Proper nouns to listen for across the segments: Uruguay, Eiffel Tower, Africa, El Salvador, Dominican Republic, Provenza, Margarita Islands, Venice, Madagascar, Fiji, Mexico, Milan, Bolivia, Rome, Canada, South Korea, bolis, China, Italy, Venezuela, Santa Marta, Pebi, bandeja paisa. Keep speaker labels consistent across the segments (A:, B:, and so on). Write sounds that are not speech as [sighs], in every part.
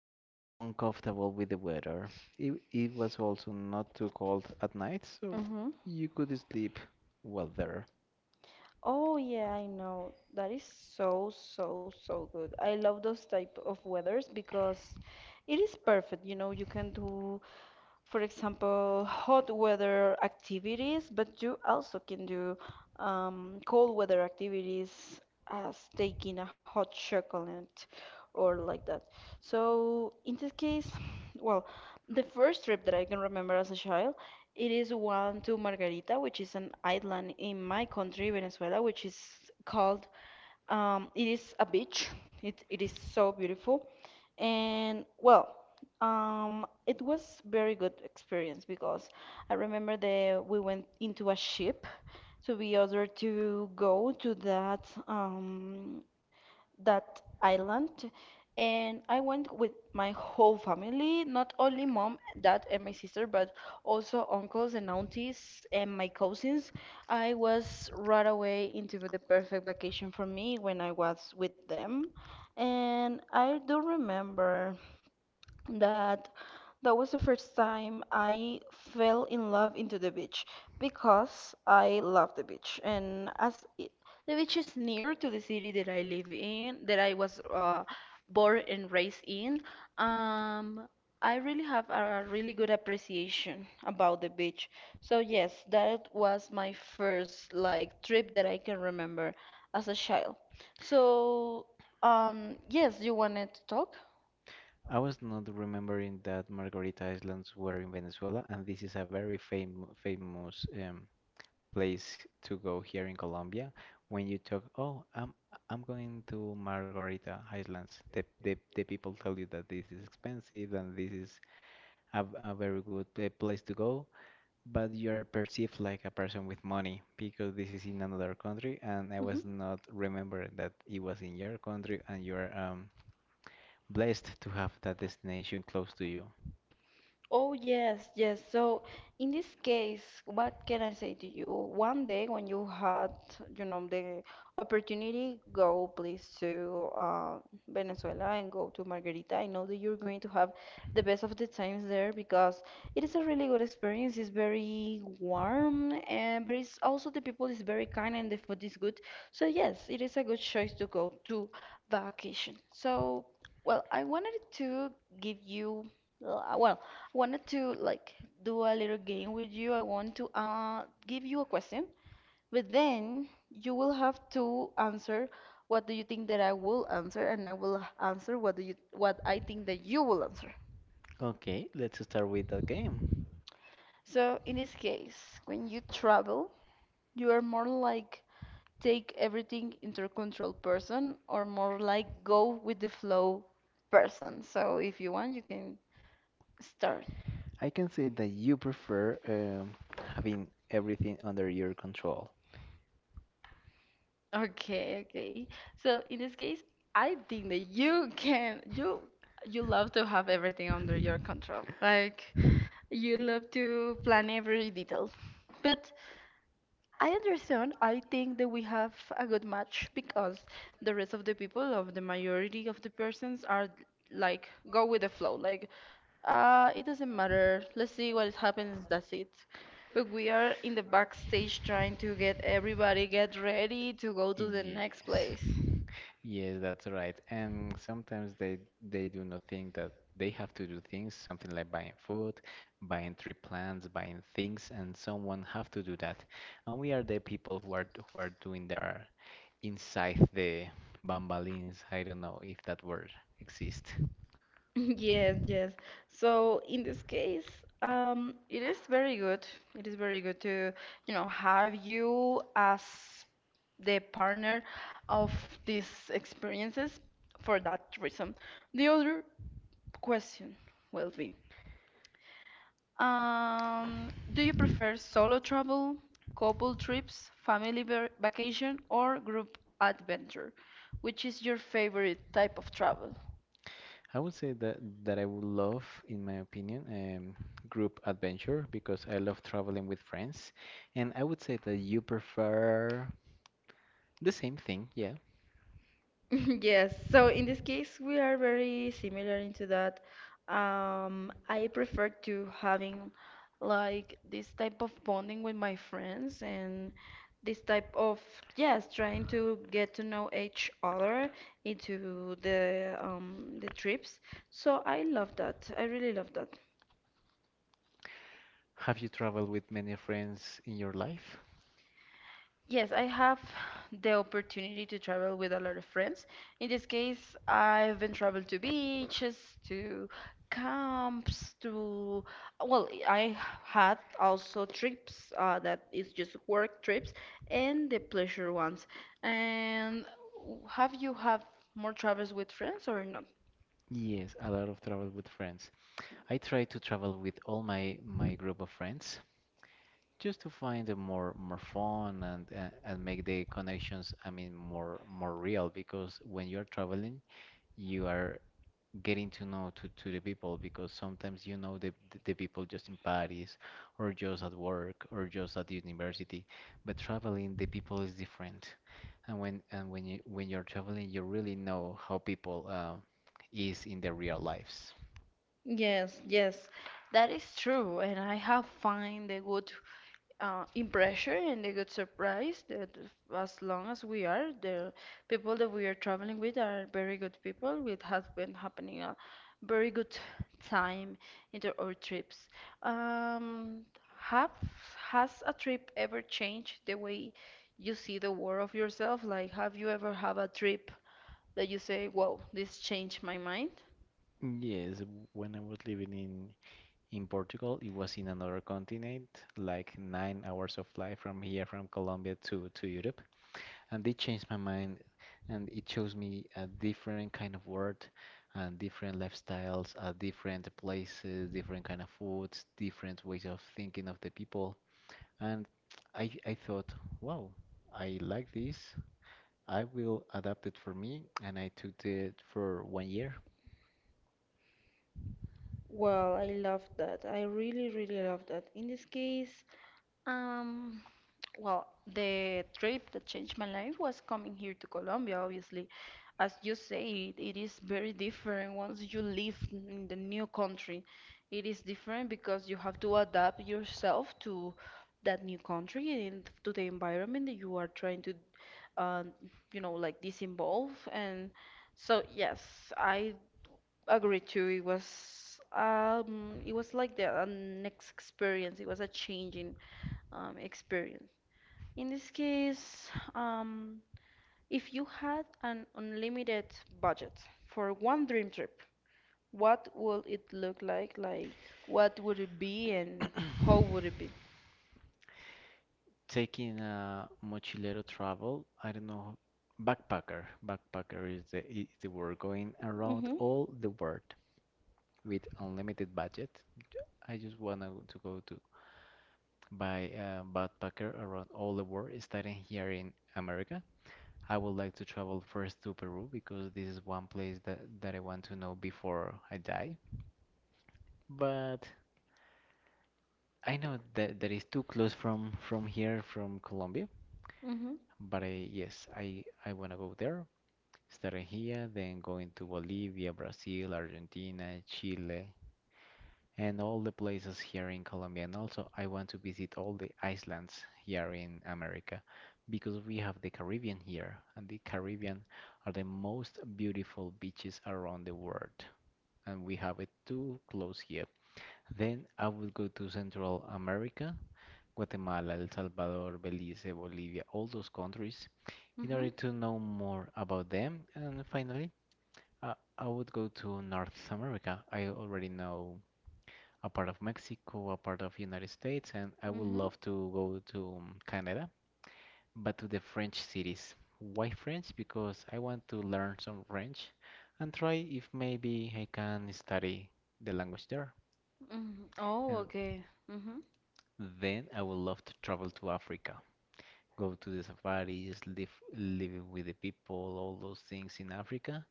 A: like uncomfortable with the weather. It was also not too cold at night, so
B: Mm-hmm.
A: you could sleep well there.
B: Oh yeah, I know. That is so, so, so good. I love those type of weathers because it is perfect. You know, you can do, for example, hot weather activities, but you also can do cold weather activities as taking a hot chocolate or like that. So in this case, [sighs] well, the first trip that I can remember as a child. It is one to Margarita, which is an island in my country, Venezuela, which is called, it is a beach. It is so beautiful. And well, it was very good experience because I remember that we went into a ship to be able to go to that island, and I went with my whole family, not only mom, dad, and my sister, but also uncles and aunties and my cousins. I was right away into the perfect vacation for me when I was with them. And I do remember that that was the first time I fell in love into the beach because I love the beach, and as it, the beach is near to the city that I live in, that I was born and raised in. um I really have a really good appreciation about the beach, so yes, that was my first, like, trip that I can remember as a child. So yes, you wanted to talk?
A: I was not remembering that Margarita Islands were in Venezuela, and this is a very famous place to go here in Colombia. When you talk, oh, I'm going to Margarita Islands, the people tell you that this is expensive and this is a, a very good place to go. But you're perceived like a person with money, because this is in another country and I was not remember that it was in your country, and you're blessed to have that destination close to you.
B: Oh, yes, yes. So, in this case, what can I say to you? One day when you had the opportunity, go please to Venezuela and go to Margarita. I know that you're going to have the best of the times there because it is a really good experience. It's very warm, and but it's also the people is very kind and the food is good. So, yes, it is a good choice to go to vacation. So, well, I wanted to give you, well, wanted to like do a little game with you. I want to give you a question, but then you will have to answer what do you think that I will answer, and I will answer what I think that you will answer.
A: Okay, let's start with that game.
B: So in this case, when you travel, you are more like take everything into control person or more like go with the flow person. So if you want, you can start.
A: I can say that you prefer having everything under your control.
B: Okay, okay. So in this case, I think that you can you you love to have everything under your control. Like you love to plan every detail. But I understand. I think that we have a good match because the rest of the people, of the majority of the persons, are like go with the flow. Like, it doesn't matter. Let's see what happens. That's it. But we are in the backstage trying to get everybody get ready to go to the next
A: Yes.
B: place.
A: Yes, that's right. And sometimes they do not think that they have to do things, something like buying food, buying tree plants, buying things, and someone have to do that. And we are the people who are doing their inside the bambalines. I don't know if that word exists.
B: [laughs] Yes, yes. So in this case, it is very good. It is very good to have you as the partner of these experiences for that reason. The other question will be, do you prefer solo travel, couple trips, family vacation, or group adventure? Which is your favorite type of travel?
A: I would say that I would love, in my opinion, group adventure because I love traveling with friends. And I would say that you prefer. The same thing, yeah.
B: [laughs] Yes, so in this case, we are very similar into that. I prefer to having like this type of bonding with my friends and this type of, yes, trying to get to know each other into the trips. So I love that. I really love that.
A: Have you traveled with many friends in your life?
B: Yes, I have the opportunity to travel with a lot of friends. In this case, I've been traveled to beaches, to camps, to, well, I had also trips that is just work trips and the pleasure ones. And have you have more travels with friends or not?
A: Yes, a lot of travel with friends. I try to travel with all my group of friends just to find a more fun, and make the connections, I mean, more real. Because when you're traveling, you are getting to know to the people, because sometimes you know the people just in Paris or just at work or just at the university, but traveling, the people is different, and when you're traveling, you really know how people is in their real lives.
B: Yes, yes, that is true, and I have find a good in pressure, and they got surprised that as long as we are the people that we are traveling with are very good people, it has been happening a very good time into our trips. Um, have has a trip ever changed the way you see the world of yourself, like have you ever have a trip that you say, wow, this changed my mind?
A: Yes, when I was living in Portugal, it was in another continent, like 9 hours of flight from here from Colombia to Europe, and they changed my mind, and it shows me a different kind of world and different lifestyles, different places, different kind of foods, different ways of thinking of the people. And I thought, wow, I like this. I will adapt it for me, and I took it for one year.
B: Well, I love that. I really, really love that. In this case, um, well, the trip that changed my life was coming here to Colombia, obviously. As you say, it is very different once you live in the new country. It is different because you have to adapt yourself to that new country and to the environment that you are trying to, uh, like, disinvolve. And so, yes, I agreed to. It was like the next experience. It was a changing experience. In this case, um, if you had an unlimited budget for one dream trip, what would it look like? Like, what would it be and how would it be?
A: Taking a mochilero travel, I don't know, backpacker. Backpacker is the word going around
B: Mm-hmm.
A: all the world, with unlimited budget. I just want to go to buy a backpacker around all the world, starting here in America. I would like to travel first to Peru because this is one place that I want to know before I die. But I know that that is too close from here from Colombia.
B: Mm-hmm.
A: But I, yes, I want to go there, starting here, then going to Bolivia, Brazil, Argentina, Chile, and all the places here in Colombia. And also, I want to visit all the islands here in America, because we have the Caribbean here, and the Caribbean are the most beautiful beaches around the world, and we have it too close here. Then I would go to Central America, Guatemala, El Salvador, Belize, Bolivia, all those countries in
B: Mm-hmm.
A: order to know more about them. And finally, I would go to North America. I already know a part of Mexico, a part of United States, and I would
B: Mm-hmm.
A: love to go to Canada, but to the French cities. Why French? Because I want to learn some French and try if maybe I can study the language there.
B: Mm-hmm. Oh,
A: And
B: okay.
A: then I would love to travel to Africa, go to the safaris, live with the people, all those things in Africa.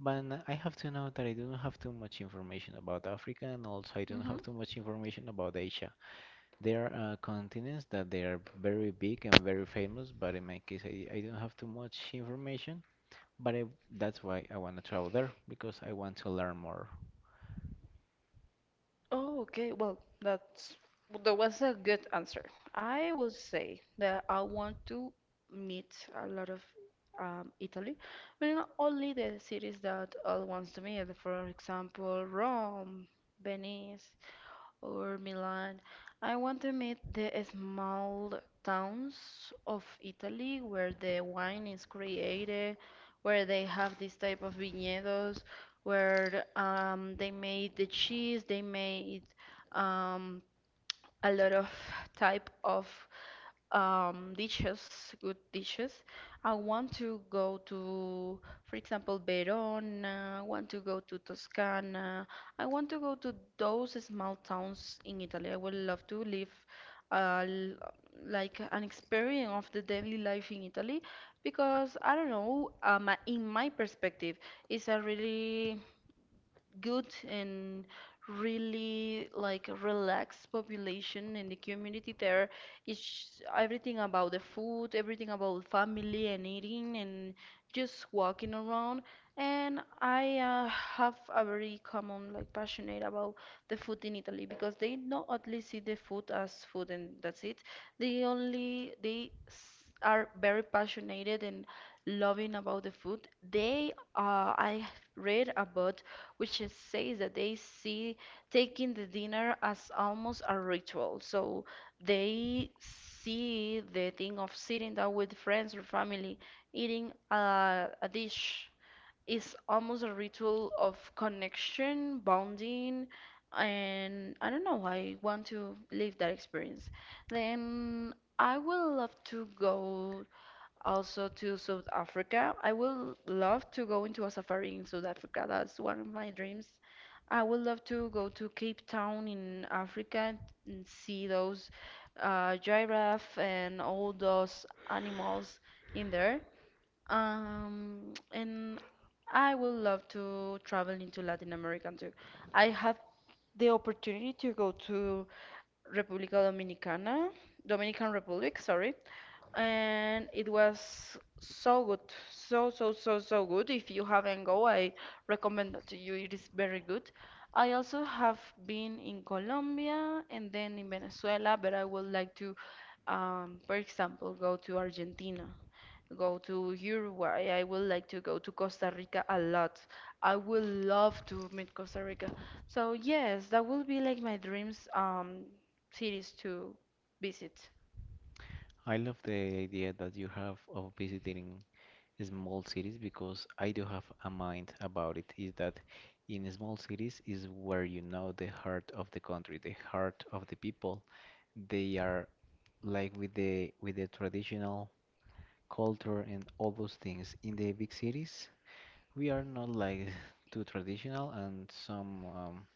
A: But I have to know that I don't have too much information about Africa, and also I don't
B: Mm-hmm.
A: have too much information about Asia. There are continents that they are very big and very famous, but in my case, I don't have too much information. But I, that's why I want to travel there, because I want to learn more.
B: Oh, okay. Well, that was a good answer. I will say that I want to meet a lot of Italy, but not only the cities that I want to meet. For example, Rome, Venice, or Milan. I want to meet the small towns of Italy where the wine is created, where they have this type of viñedos, where they made the cheese, they made um, a lot of type of dishes, good dishes. I want to go to, for example, Verona. I want to go to Toscana. I want to go to those small towns in Italy. I would love to live uh, l- like an experience of the daily life in Italy because I don't know, in my perspective, it's a really good and really like relaxed population in the community there. It's everything about the food, everything about family and eating and just walking around. And I have a very common like passionate about the food in Italy because they not only see the food as food and that's it. They are very passionate and loving about the food. They I read about says that they see taking the dinner as almost a ritual. So they see the thing of sitting down with friends or family eating a dish is almost a ritual of connection, bonding, and I don't know, I want to live that experience. Then I will love to go also to South Africa. I will love to go into a safari in South Africa. That's one of my dreams. I would love to go to Cape Town in Africa and see those giraffe and all those animals in there. And I would love to travel into Latin America too. I have the opportunity to go to República Dominicana, Dominican Republic, sorry, and it was so good, so so so so good. If you haven't go, I recommend that to you. It is very good. I also have been in Colombia and then in Venezuela, but I would like to, for example, go to Argentina. Go to Uruguay. I would like to go to Costa Rica a lot. I would love to meet Costa Rica. So yes, that will be like my dreams cities to visit.
A: I love the idea that you have of visiting small cities, because I do have a mind about it. Is that in small cities is where you know the heart of the country, the heart of the people. They are like with the traditional culture and all those things. In the big cities, we are not like [laughs] too traditional, and some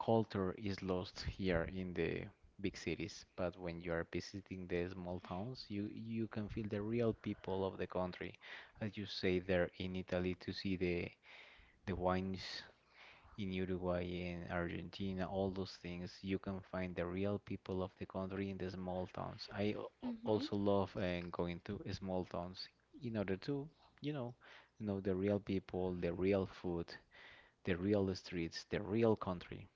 A: culture is lost here in the big cities. But when you are visiting the small towns, you can feel the real people of the country, as you say there in Italy, to see the wines in Uruguay and Argentina, all those things. You can find the real people of the country in the small towns. I al- al-
B: Mm-hmm.
A: also love going to small towns in order to, you know know the real people, the real food, the real streets, the real country.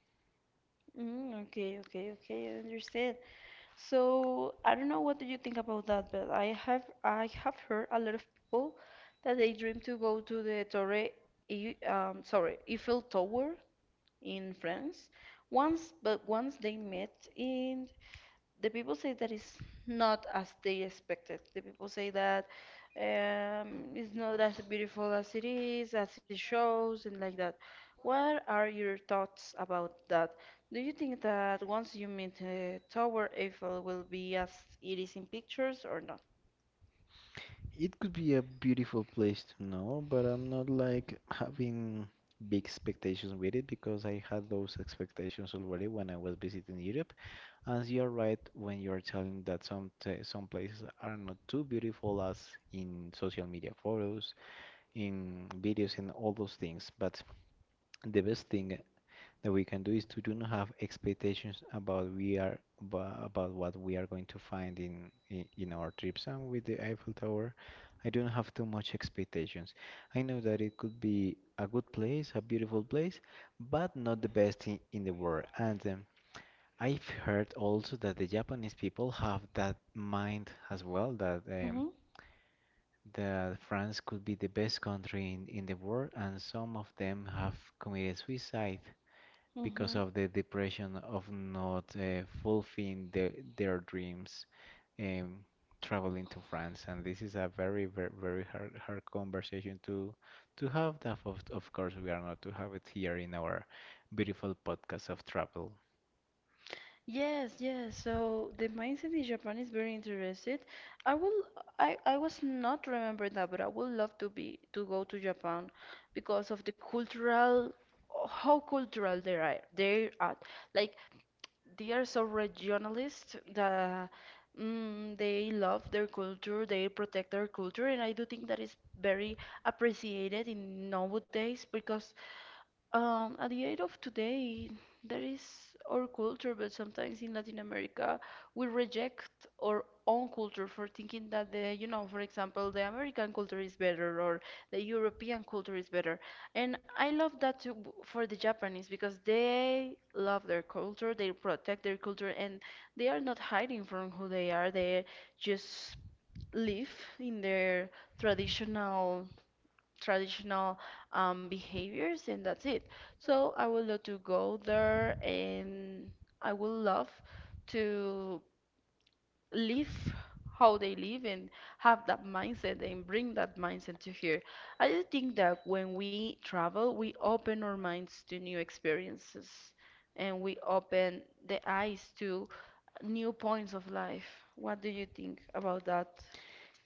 B: Mm, okay, okay, okay, I understand. So I don't know what do you think about that, but I have heard a lot of people that they dream to go to the Torre, sorry, Eiffel Tower in France. Once, but once they met in, the people say that it's not as they expected. The people say that it's not as beautiful as it is, as it shows, and like that. What are your thoughts about that? Do you think that once you meet Tower Eiffel will be as it is in pictures or not?
A: It could be a beautiful place to know, but I'm not like having big expectations with it, because I had those expectations already when I was visiting Europe. And you're right when you're telling that some places are not too beautiful as in social media photos, in videos, and all those things. But the best thing that we can do is to do not have expectations about we are, about what we are going to find in our trips, and with the Eiffel Tower I don't have too much expectations. I know that it could be a good place, a beautiful place, but not the best in the world. And I've heard also that the Japanese people have that mind as well, that that France could be the best country in the world, and some of them have committed suicide because
B: Mm-hmm.
A: of the depression of not fulfilling their dreams um, traveling to France. And this is a very, very, very hard, hard conversation to have. That of course, we are not to have it here in our beautiful podcast of travel.
B: Yes, yes. So the mindset in Japan is very interested. I will I was not remember that, but I would love to be to go to Japan because of the cultural, how cultural they are. Like they are so regionalist that they love their culture, they protect their culture, and I do think that is very appreciated in nowadays because at the age of today, there is our culture, but sometimes in Latin America, we reject our own culture for thinking that for example, the American culture is better or the European culture is better. And I love that too for the Japanese because they love their culture, they protect their culture, and they are not hiding from who they are. They just live in their traditional traditional behaviors, and that's it. So I would love to go there, and I would love to live how they live and have that mindset and bring that mindset to here. I do think that when we travel, we open our minds to new experiences and we open the eyes to new points of life. What do you think about that?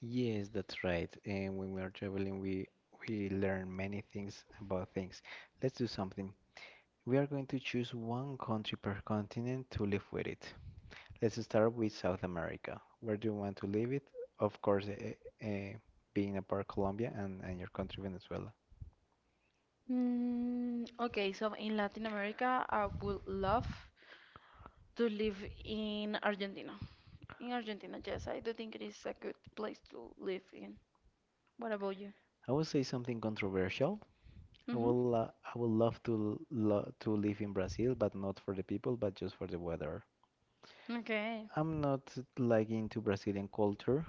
A: Yes, that's right. And when we are traveling, we learn many things about things. Let's do something. We are going to choose one country per continent to live with it. Let's start with South America. Where do you want to live it? Of course, eh, eh, being apart Colombia and your country Venezuela.
B: Okay, so in Latin America, I would love to live in Argentina. In Argentina, yes, I do think it is a good place to live in. What about you?
A: I would say something controversial.
B: Mm-hmm.
A: I would love to lo to live in Brazil, but not for the people, but just for the weather.
B: Okay.
A: I'm not like into Brazilian culture,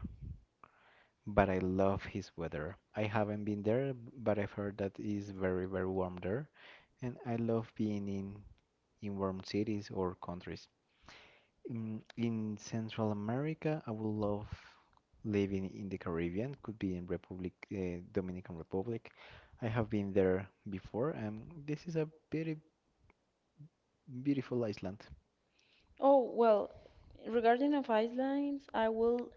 A: but I love his weather. I haven't been there, but I've heard that it's very, very warm there, and I love being in warm cities or countries. In Central America, I would love living in the Caribbean, could be in Dominican Republic. I have been there before, and this is a very beautiful island.
B: Oh, well, regarding of islands, I will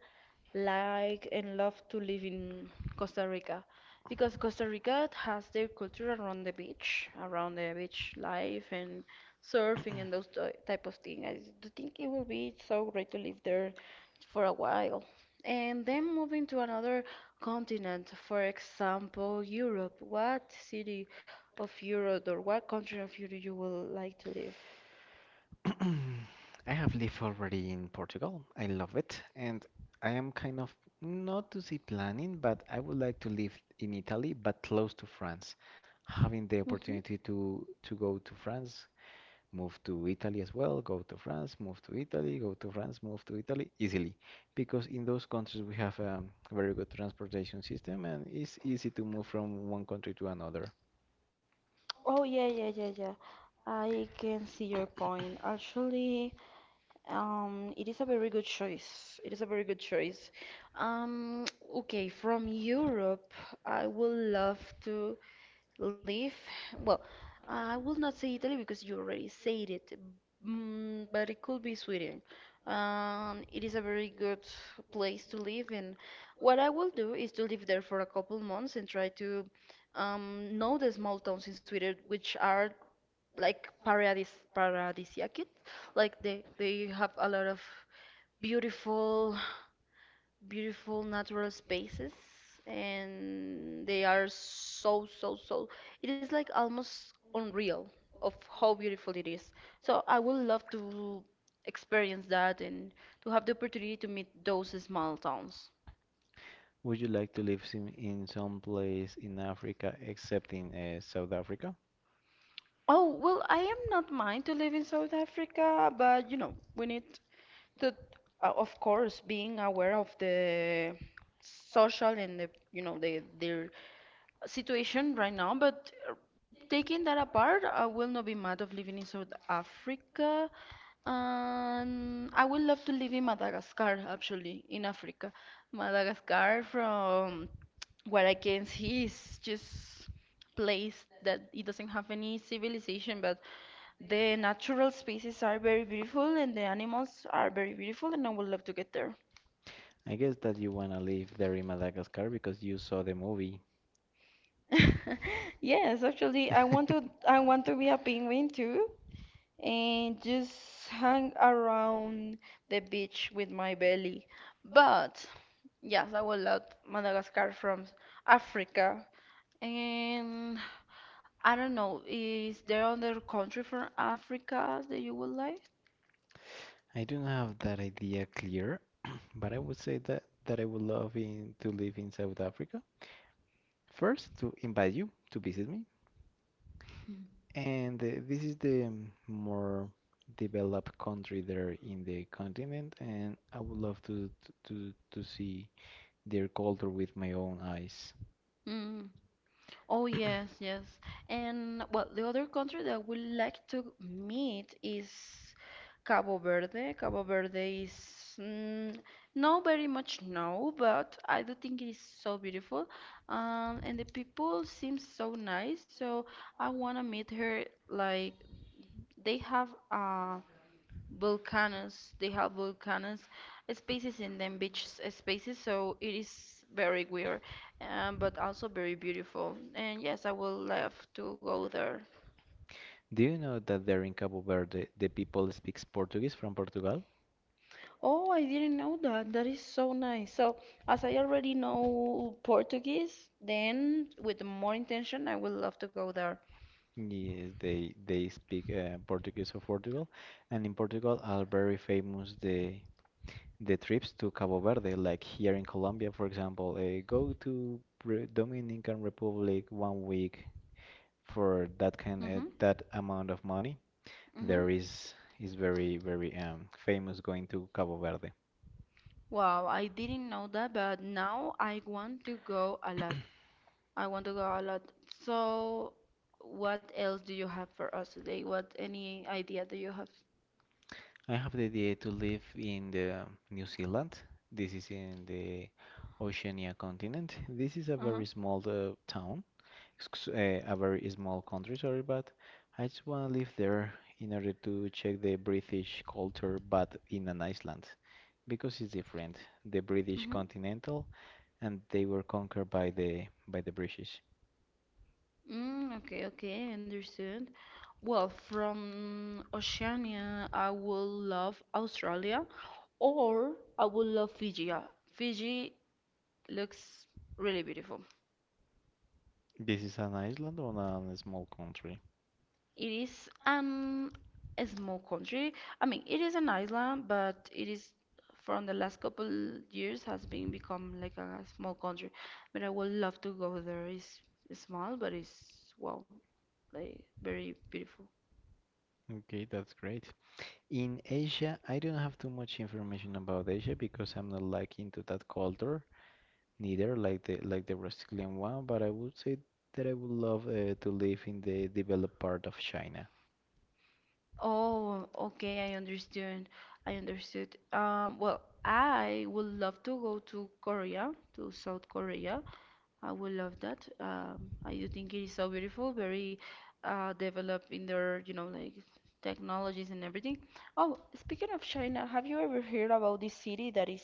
B: like and love to live in Costa Rica because Costa Rica has their culture around the beach life and surfing and those type of thing. Do think it will be so great to live there for a while. And then moving to another continent, for example, Europe. What city of Europe or what country of Europe you will like to live?
A: [clears throat] I have lived already in Portugal. I love it, and I am kind of not to say planning, but I would like to live in Italy, but close to France. Having the opportunity to go to France, move to Italy as well, go to France, move to Italy, go to France, move to Italy easily. Because in those countries we have a very good transportation system, and it's easy to move from one country to another.
B: Oh yeah, yeah, yeah, yeah. I can see your point. Actually, it is a very good choice. It is a very good choice. Um, okay, from Europe, I would love to live. Well, I will not say Italy because you already said it, but it could be Sweden. It is a very good place to live, and what I will do is to live there for a couple months and try to, know the small towns in Sweden, which are like paradisiac, like they have a lot of beautiful beautiful natural spaces and they are so it is like almost unreal of how beautiful it is, so I would love to experience that and to have the opportunity to meet those small towns.
A: Would you like to live in some place in Africa except in South Africa?
B: Oh, well, I am not mind to live in South Africa, but you know, we need to, of course, being aware of the social and the, you know, the their situation right now. But taking that apart, I will not be mad of living in South Africa. I would love to live in Madagascar, actually, in Africa. Madagascar from what I can see is just place that it doesn't have any civilization, but the natural spaces are very beautiful and the animals are very beautiful, and I would love to get there.
A: I guess that you want to live there in Madagascar because you saw the movie.
B: [laughs] Yes, actually,
A: [laughs]
B: I want to be a penguin too and just hang around the beach with my belly. But yes, I would love Madagascar from Africa. And I don't know. Is there other country from Africa that you would like?
A: I don't have that idea clear, [clears throat] but I would say that I would love to live in South Africa. First, to invite you to visit me, and this is the more developed country there in the continent, and I would love to see their culture with my own eyes.
B: Mm. Oh yes, yes. And well, the other country that I would like to meet is Cabo Verde. Cabo Verde is, mm, not very much known, but I do think it is so beautiful. And the people seem so nice, so I wanna meet her. Like they have volcanoes. They have volcanoes spaces in them beach spaces, so it is very weird, but also very beautiful, and yes, I will love to go there.
A: Do you know that there in Cabo Verde the people speaks Portuguese from Portugal?
B: Oh, I didn't know that. That is so nice. So, as I already know Portuguese, then with more intention, I would love to go there.
A: Yes, they speak Portuguese of Portugal, and in Portugal are very famous the trips to Cabo Verde, like here in Colombia, for example, go to Dominican Republic one week for
B: Mm-hmm,
A: that amount of money.
B: mm-hmm.
A: There is very very famous going to Cabo Verde.
B: Wow, I didn't know that, but now I want to go a lot. I want to go a lot. So, what else do you have for us today? What any idea do you have?
A: I have the idea to live in the New Zealand. This is in the Oceania continent. This is
B: Uh-huh.
A: a very small country, sorry, but I just want to live there in order to check the British culture, but in an Iceland, because it's different. The British continental, and they were conquered by the British.
B: Mm-hmm. Okay, okay, understood. Well, from Oceania, I will love Australia or I will love Fiji. Fiji looks really beautiful.
A: This is an island on a small country.
B: It is a small country. I mean, it is an island, but it is from the last couple years has been become like a small country. But I would love to go there. It's small, but it's well, like very beautiful.
A: Okay, that's great. In Asia, I don't have too much information about Asia because I'm not like into that culture, neither like the Brazilian one, but I would say that I would love to live in the developed part of China.
B: Oh, okay, I understand. I understood. Well, I would love to go to Korea, to South Korea. I would love that. I do think it is so beautiful, very developed in their, you know, like technologies and everything. Oh, speaking of China, have you ever heard about this city that is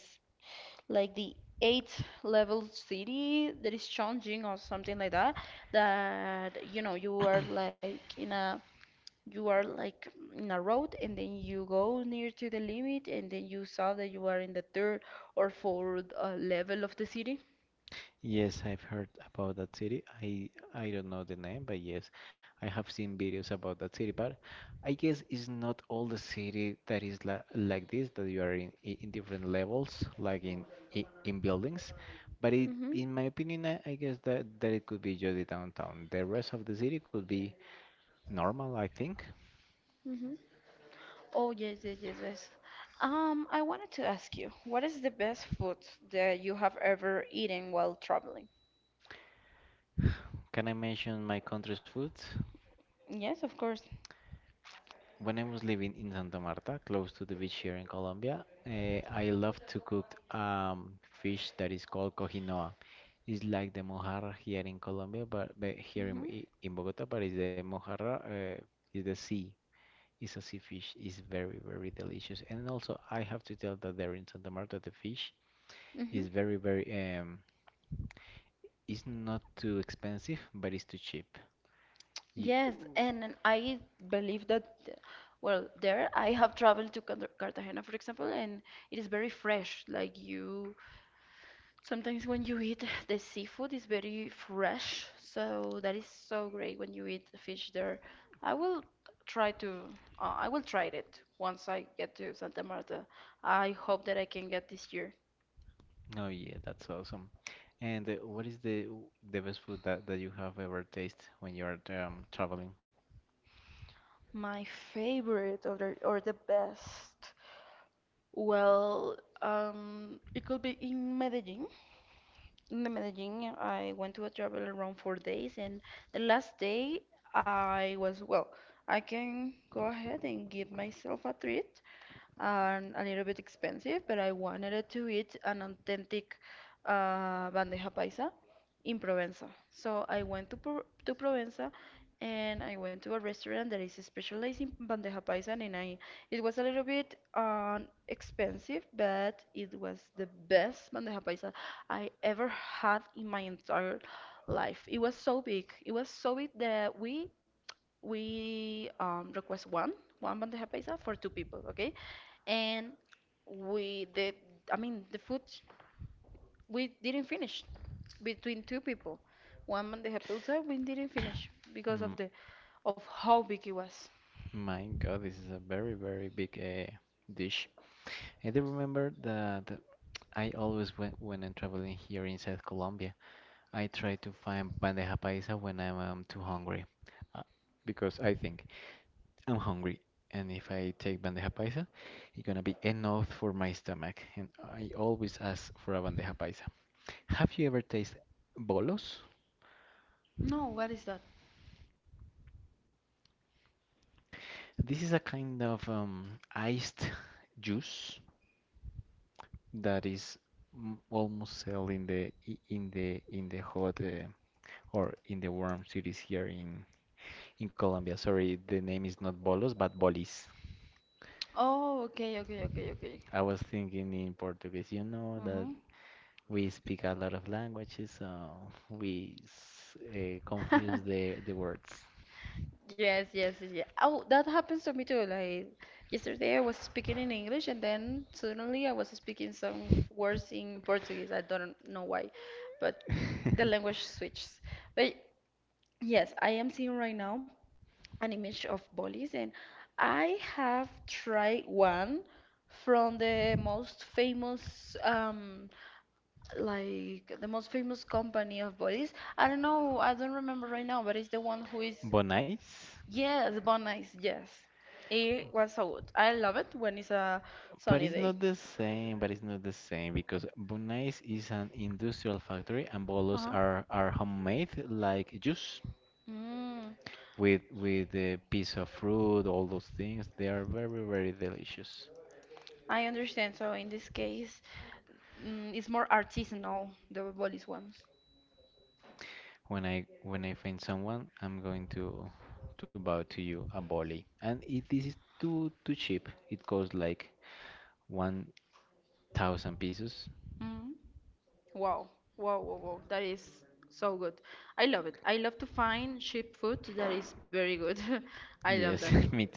B: like the eighth level city that is Chongqing or something like that? That, you know, you are like in a road and then you go near to the limit and then you saw that you are in the third or fourth level of the city.
A: Yes, I've heard about that city. I don't know the name, but yes, I have seen videos about that city. But I guess it's not all the city that is la like this, that you are in in different levels, like in in buildings. But it,
B: Mm-hmm.
A: in my opinion, I guess that it could be just the downtown. The rest of the city could be normal, I think.
B: Mm-hmm. Oh, yes, yes, yes, yes. I wanted to ask you, what is the best food that you have ever eaten while traveling?
A: Can I mention my country's food?
B: Yes, of course.
A: When I was living in Santa Marta, close to the beach here in Colombia, I love to cook fish that is called cojinoa. It's like the mojarra here in Colombia, but here in,
B: Mm-hmm.
A: i- in Bogota, but it's the mojarra, is the sea. It's a sea fish. It's very, very delicious. And also, I have to tell that there in Santa Marta, the fish is
B: Mm-hmm.
A: very, very, um, it's not too expensive, but it's too cheap. You,
B: Yes, and then I believe that, well, there I have traveled to Cartagena, for example, and it is very fresh. Like you, sometimes when you eat the seafood is very fresh, so that is so great when you eat the fish there. I will try to, I will try it once I get to Santa Marta. I hope that I can get this year.
A: Oh yeah, that's awesome. And what is the best food that you have ever tasted when you're traveling?
B: My favorite or the best. Well, it could be in Medellin. In the Medellin, I went to a travel around 4 days, and the last day I was, well, I can go ahead and give myself a treat, and a little bit expensive, but I wanted it to eat an authentic bandeja paisa in Provenza. So I went to Provenza and I went to a restaurant that is specialized in bandeja paisa, and I it was a little bit expensive, but it was the best bandeja paisa I ever had in my entire life. It was so big. It was so big that we request one bandeja paisa for two people, okay? And we the I mean the we didn't finish between two people. One man the pizza we didn't finish because
A: Mm,
B: of the of how big it was.
A: my God, this is a very very big dish. I do remember that I always when I'm traveling here in South Colombia, I try to find bandeja paisa when I'm too hungry, uh, because I think I'm hungry, and if I take bandeja paisa, it's gonna be enough for my stomach, and I always ask for a bandeja paisa. Have you ever tasted bolos?
B: No, what is that?
A: This is a kind of iced juice that is almost sold in the hot, or in the warm cities here in Colombia. Sorry, the name is not bolos, but bolis.
B: Oh, okay.
A: I was thinking in Portuguese. You know that
B: Mhm.
A: we speak a lot of languages, so confuse
B: [laughs]
A: the words.
B: Yes, yes, yes, yeah. Oh, that happens to me too. Like yesterday, I was speaking in English, and then suddenly I was speaking some words in Portuguese. I don't know why, but the
A: [laughs]
B: language switches. But yes, I am seeing right now an image of Bolis, and I have tried one from the most famous, like the most famous company of bodies. I don't know, I don't remember right now, but it's the one who is,
A: Bonais?
B: yes, Bon Ice, yes. It was so good. I love it when it's a
A: But
B: sunny
A: it's
B: day.
A: not the same, but it's not the same, because Bonais is an industrial factory and bolos
B: Uh-huh.
A: are homemade like juice
B: Mm,
A: with a piece of fruit, all those things. They are very, very delicious.
B: I understand. So in this case, it's more artisanal, the bodies ones.
A: When I find someone, I'm going to bow to you a volley. And if this is too cheap, it costs like 1,000 pesos.
B: Mm. Wow, wow. That is so good. I love it. I love to find cheap food that is very good. [laughs] I love
A: Yes,
B: that.
A: [laughs] me too.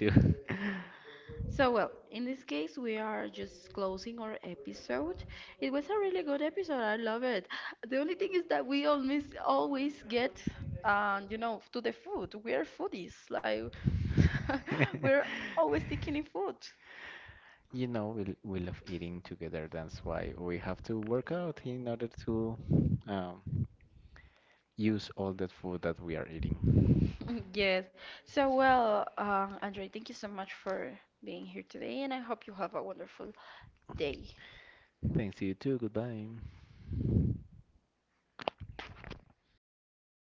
B: So, well, in this case, we are just closing our episode. It was a really good episode. I love it. The only thing is that we always get, you know, to the food. We are foodies. Like, [laughs] we're
A: [laughs]
B: always thinking in food.
A: We love eating together. That's why we have to work out in order to um, use all that food that we are eating.
B: [laughs] Yes. So, well, Andre, thank you so much for being here today, and I hope you have a wonderful day.
A: Thanks to you too. Goodbye.